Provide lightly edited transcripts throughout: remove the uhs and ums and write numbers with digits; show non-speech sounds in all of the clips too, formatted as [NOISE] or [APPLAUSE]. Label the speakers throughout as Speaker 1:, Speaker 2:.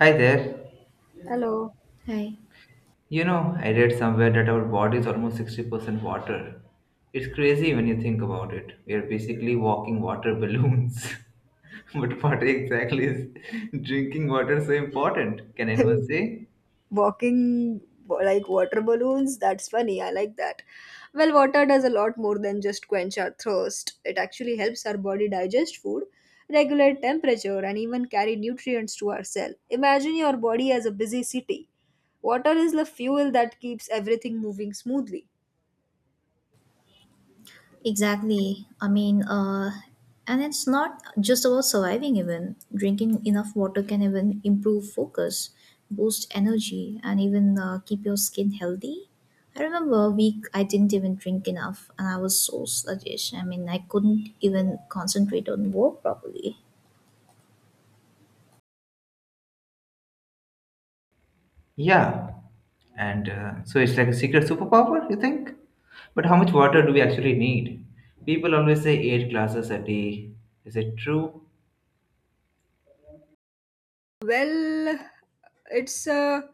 Speaker 1: Hi there.
Speaker 2: Hello.
Speaker 3: Right.
Speaker 1: You know, I read somewhere that our body is almost 60% water. It's crazy when you think about it. We are basically walking water balloons. [LAUGHS] But what exactly is drinking water so important? Can anyone
Speaker 2: [LAUGHS]
Speaker 1: say?
Speaker 2: Walking like water balloons, that's funny. I like that. Well, water does a lot more than just quench our thirst. It actually helps our body digest food, regulate temperature, and even carry nutrients to our cell. Imagine your body as a busy city. Water is the fuel that keeps everything moving smoothly.
Speaker 3: Exactly. I mean, and it's not just about surviving, even. Drinking enough water can even improve focus, boost energy, and even keep your skin healthy. I remember a week I didn't even drink enough, and I was so sluggish. I mean, I couldn't even concentrate on work properly.
Speaker 1: Yeah. And so it's like a secret superpower, you think? But how much water do we actually need? People always say 8 glasses a day. Is it true?
Speaker 2: Well, it's a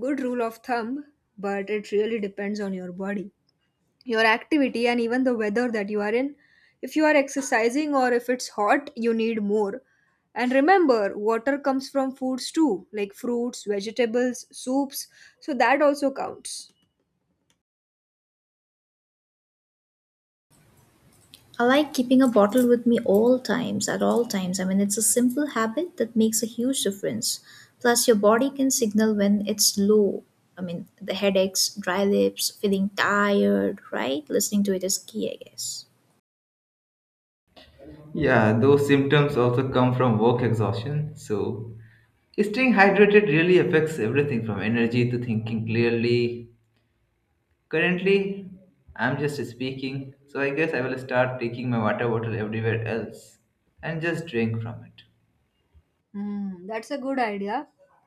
Speaker 2: good rule of thumb, but it really depends on your body, your activity and even the weather that you are in. If you are exercising or if it's hot, you need more. And remember, water comes from foods too, like fruits, vegetables, soups, so that also counts.
Speaker 3: I like keeping a bottle with me all times, at all times. I mean, it's a simple habit that makes a huge difference. Plus, your body can signal when it's low. I mean, the headaches, dry lips, feeling tired, right? Listening to it is key, I guess.
Speaker 1: Yeah, those symptoms also come from work exhaustion. So, staying hydrated really affects everything from energy to thinking clearly. Currently, I'm just speaking, so I guess I will start taking my water bottle everywhere else and just drink from it.
Speaker 2: Hmm, that's a good idea.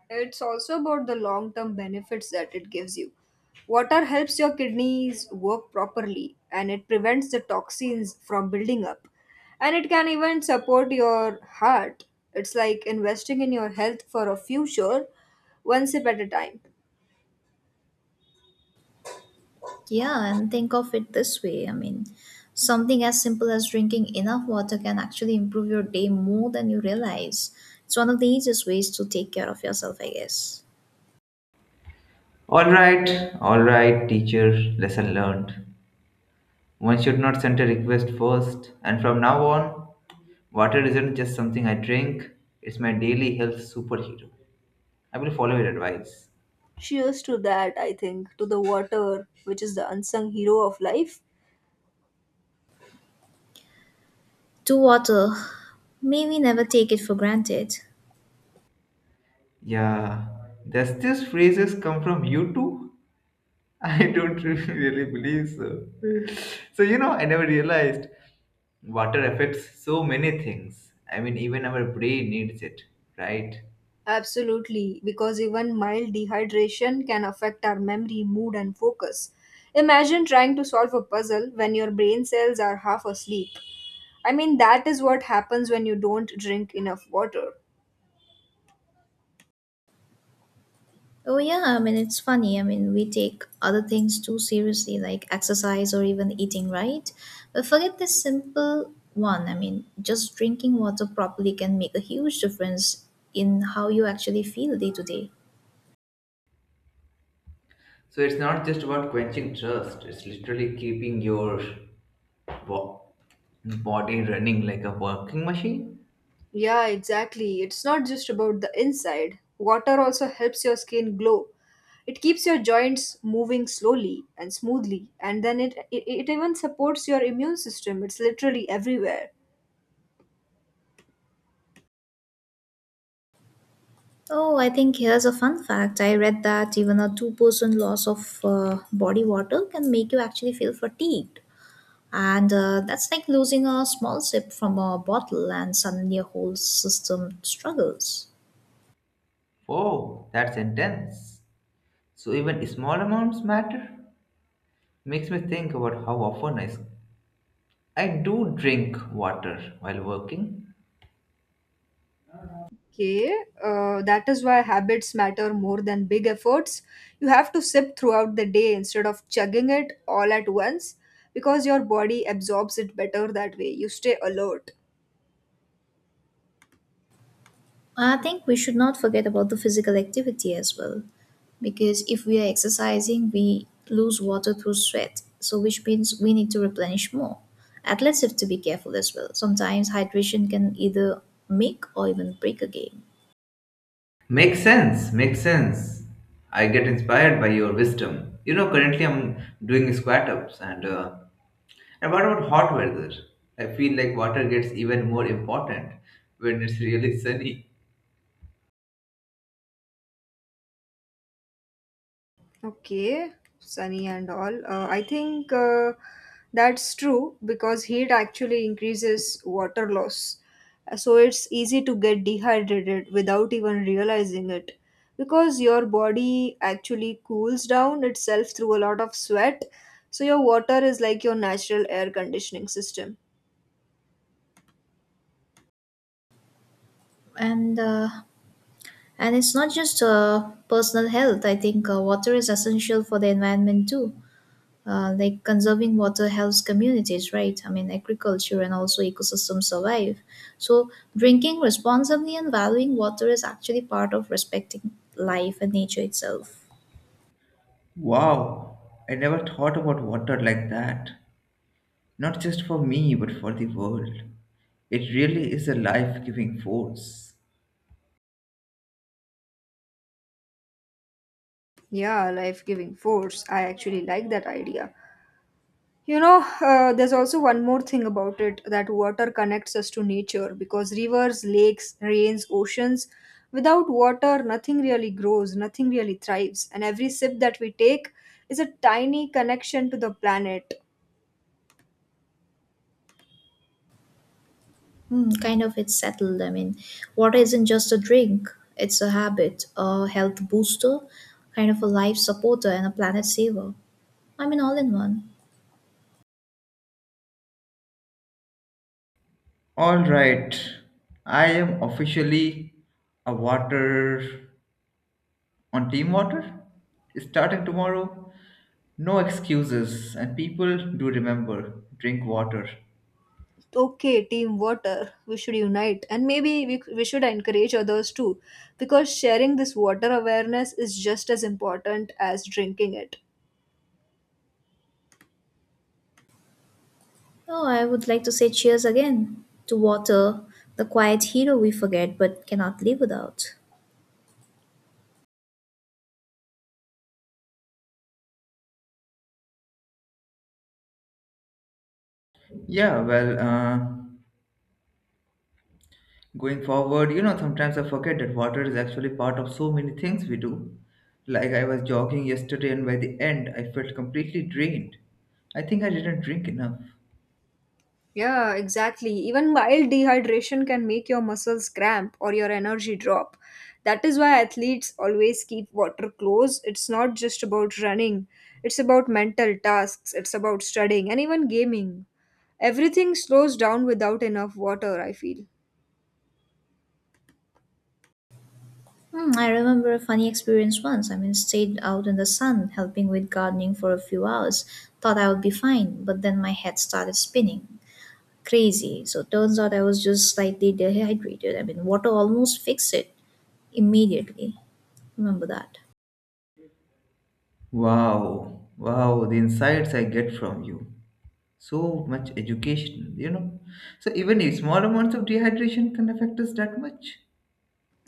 Speaker 2: It's also about the long term benefits that it gives you. Water helps your kidneys work properly and it prevents the toxins from building up. And it can even support your heart. It's like investing in your health for a future, one sip at a time.
Speaker 3: Yeah, and think of it this way. I mean, something as simple as drinking enough water can actually improve your day more than you realize. It's one of the easiest ways to take care of yourself, I guess.
Speaker 1: Alright, alright, teacher, lesson learned. One should not send a request first, and from now on, water isn't just something I drink, it's my daily health superhero. I will follow your advice.
Speaker 2: Cheers to that, I think, to the water, which is the unsung hero of life.
Speaker 3: To water, maybe never take it for granted.
Speaker 1: Yeah, does this phrases come from you too? [LAUGHS] I don't really believe so. So you know, I never realized water affects so many things. I mean, even our brain needs it, right?
Speaker 2: Absolutely, because even mild dehydration can affect our memory, mood, and focus. Imagine trying to solve a puzzle when your brain cells are half asleep. I mean, that is what happens when you don't drink enough water.
Speaker 3: Oh, yeah, I mean, it's funny. I mean, we take other things too seriously, like exercise or even eating, right? But forget this simple one. I mean, just drinking water properly can make a huge difference in how you actually feel day to day.
Speaker 1: So it's not just about quenching thirst. It's literally keeping your bo- body running like a working machine.
Speaker 2: Yeah, exactly. It's not just about the inside. Water also helps your skin glow. It keeps your joints moving slowly and smoothly, and then it even supports your immune system. It's literally everywhere.
Speaker 3: Oh, I think here's a fun fact. I read that even a 2% loss of body water can make you actually feel fatigued. And that's like losing a small sip from a bottle, and suddenly your whole system struggles.
Speaker 1: Whoa, that's intense. So even small amounts matter. Makes me think about how often I do drink water while working.
Speaker 2: Okay, that is why habits matter more than big efforts. You have to sip throughout the day instead of chugging it all at once because your body absorbs it better that way. You stay alert.
Speaker 3: I think we should not forget about the physical activity as well, because if we are exercising, we lose water through sweat, so which means we need to replenish more. Athletes have to be careful as well. Sometimes hydration can either make or even break a game,
Speaker 1: Makes sense, makes sense. I get inspired by your wisdom. You know, currently I'm doing squat ups, and what about hot weather? I feel like water gets even more important when it's really sunny.
Speaker 2: Okay, sunny and all. I think that's true because heat actually increases water loss. So it's easy to get dehydrated without even realizing it because your body actually cools down itself through a lot of sweat. So your water is like your natural air conditioning system.
Speaker 3: and uh, and it's not just personal health. I think water is essential for the environment too. Like conserving water helps communities, right? I mean, agriculture and also ecosystems survive, so drinking responsibly and valuing water is actually part of respecting life and nature itself.
Speaker 1: Wow, I never thought about water like that. Not just for me, but for the world. It really is a life giving force.
Speaker 2: Yeah, life giving force. I actually like that idea. You know, there's also one more thing about it that water connects us to nature because rivers, lakes, rains, oceans, without water, nothing really grows, nothing really thrives. And every sip that we take is a tiny connection to the planet.
Speaker 3: Hmm, kind of it's settled. I mean, water isn't just a drink, it's a habit, a health booster, kind of a life supporter and a planet saver. I mean, all in one.
Speaker 1: All right, I am officially a water on team water. Starting tomorrow, no excuses, and people do remember drink water.
Speaker 2: Okay, team water, we should unite. And maybe we should encourage others too because sharing this water awareness is just as important as drinking it.
Speaker 3: Oh, I would like to say cheers again to water, the quiet hero we forget but cannot live without.
Speaker 1: Yeah, going forward, you know, sometimes I forget that water is actually part of so many things we do. Like I was jogging yesterday, and by the end, I felt completely drained. I think I didn't drink enough.
Speaker 2: Yeah, exactly. Even mild dehydration can make your muscles cramp or your energy drop. That is why athletes always keep water close. It's not just about running, it's about mental tasks, it's about studying, and even gaming. Everything slows down without enough water, I feel.
Speaker 3: Hmm, I remember a funny experience once. I mean, stayed out in the sun helping with gardening for a few hours. Thought I would be fine, but then my head started spinning. Crazy. So turns out I was just slightly dehydrated. I mean, water almost fixed it immediately. Remember that.
Speaker 1: Wow, wow, the insights I get from you. So much education, you know. So even if small amounts of dehydration can affect us that much.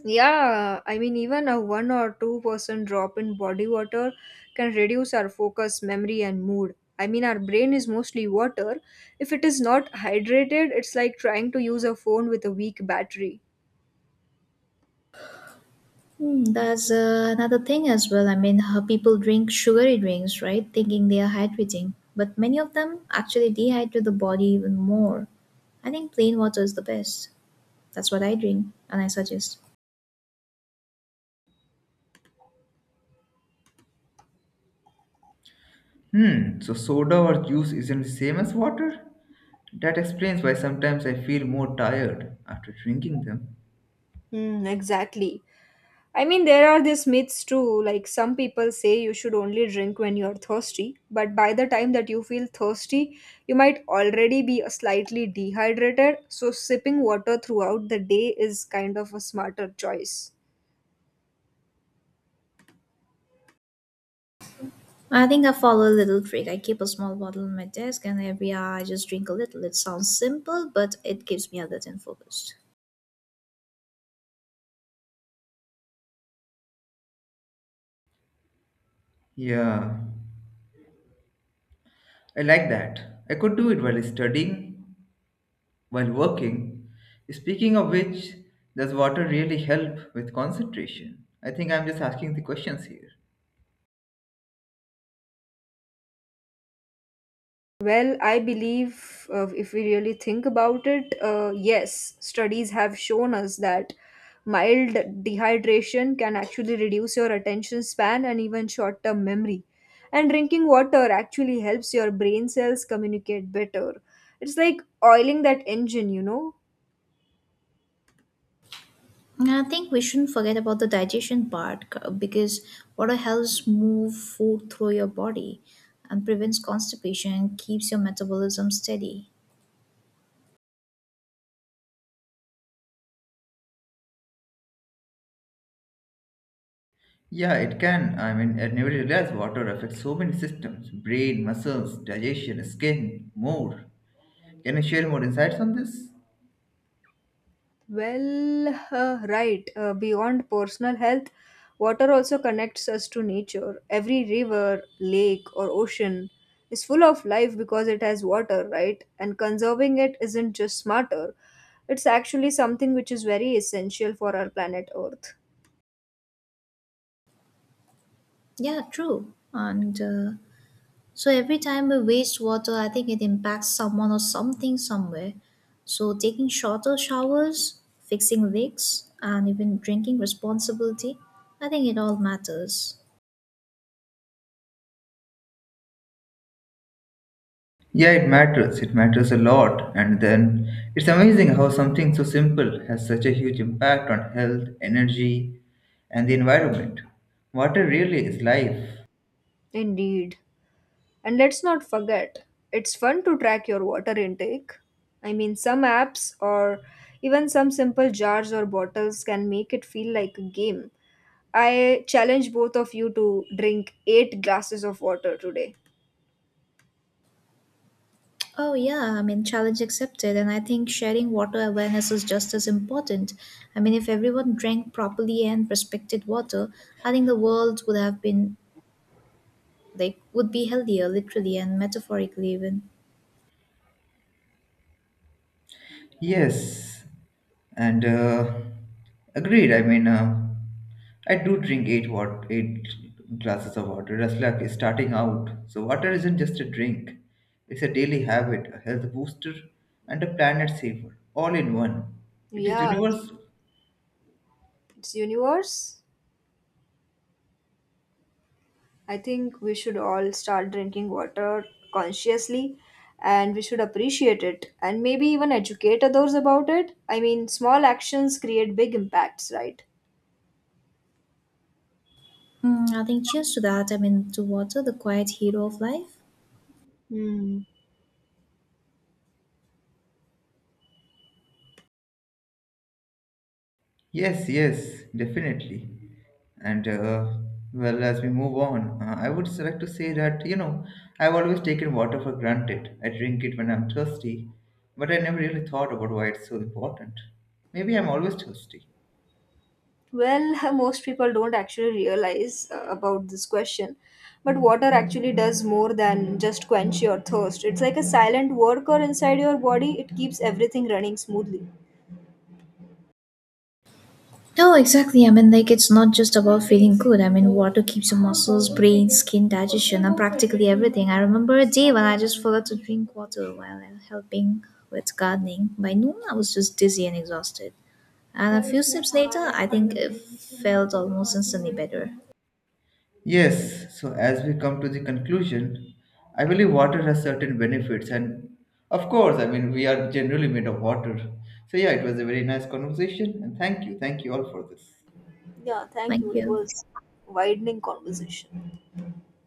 Speaker 2: Yeah, I mean, even a 1 or 2% drop in body water can reduce our focus, memory, and mood. I mean, our brain is mostly water. If it is not hydrated, it's like trying to use a phone with a weak battery.
Speaker 3: Hmm, that's another thing as well. I mean, how people drink sugary drinks, right? Thinking they are hydrating, but many of them actually dehydrate the body even more. I think plain water is the best. That's what I drink, and I suggest.
Speaker 1: Hmm. So soda or juice isn't the same as water. That explains why sometimes I feel more tired after drinking them.
Speaker 2: Hmm, exactly. I mean, there are these myths too. Like, some people say you should only drink when you're thirsty, but by the time that you feel thirsty, you might already be slightly dehydrated. So, sipping water throughout the day is kind of a smarter choice.
Speaker 3: I think I follow a little trick. I keep a small bottle on my desk, and every hour I just drink a little. It sounds simple, but it keeps me alert and focused.
Speaker 1: Yeah, I like that. I could do it while studying, while working. Speaking of which, does water really help with concentration? I think I'm just asking the questions here.
Speaker 2: Well, I believe if we really think about it, yes, studies have shown us that mild dehydration can actually reduce your attention span and even short term memory. And drinking water actually helps your brain cells communicate better. It's like oiling that engine, you know?
Speaker 3: And I think we shouldn't forget about the digestion part because water helps move food through your body and prevents constipation and keeps your metabolism steady.
Speaker 1: Yeah, it can. I mean, I never realized water affects so many systems brain, muscles, digestion, skin, more. Can you share more insights on this?
Speaker 2: Well, right. Beyond personal health, water also connects us to nature. Every river, lake, or ocean is full of life because it has water, right? And conserving it isn't just smarter, it's actually something which is very essential for our planet Earth.
Speaker 3: Yeah, true. And So every time we waste water, I think it impacts someone or something somewhere. So taking shorter showers, fixing leaks, and even drinking responsibility, I think it all matters.
Speaker 1: Yeah, it matters. It matters a lot. And then it's amazing how something so simple has such a huge impact on health, energy, and the environment. Water really is life.
Speaker 2: Indeed. And let's not forget, it's fun to track your water intake. I mean, some apps or even some simple jars or bottles can make it feel like a game. I challenge both of you to drink eight glasses of water today.
Speaker 3: Oh yeah, I mean, challenge accepted, and I think sharing water awareness is just as important. I mean, if everyone drank properly and respected water, I think the world would have been, like, would be healthier, literally and metaphorically even.
Speaker 1: Yes, and agreed. I mean, I do drink 8 glasses of water. Just like starting out, so water isn't just a drink; it's a daily habit, a health booster, and a planet saver, all in one. It is
Speaker 2: Yeah,
Speaker 1: universal.
Speaker 2: it's universe. I think we should all start drinking water consciously and we should appreciate it and maybe even educate others about it. I mean, small actions create big impacts, right?
Speaker 3: Hmm, I think cheers to that. I mean, to water, the quiet hero of life.
Speaker 2: Hmm.
Speaker 1: Yes, yes, definitely. And well, as we move on, I would like to say that, you know, I've always taken water for granted. I drink it when I'm thirsty, but I never really thought about why it's so important. Maybe I'm always thirsty.
Speaker 2: Well, [LAUGHS] most people don't actually realize about this question. But water actually does more than just quench your thirst. It's like a silent worker inside your body. It keeps everything running smoothly.
Speaker 3: No, exactly. I mean, like, it's not just about feeling good. I mean, water keeps your muscles, brain, skin, digestion, and practically everything. I remember a day when I just forgot to drink water while helping with gardening. By noon, I was just dizzy and exhausted. And a few sips later, I think it felt almost instantly better.
Speaker 1: Yes, so as we come to the conclusion, I believe water has certain benefits, and of course, I mean, we are generally made of water. So, yeah, it was a very nice conversation, and thank you all for this.
Speaker 2: Yeah, thank you.
Speaker 3: Thank
Speaker 2: It
Speaker 3: you.
Speaker 2: was widening conversation.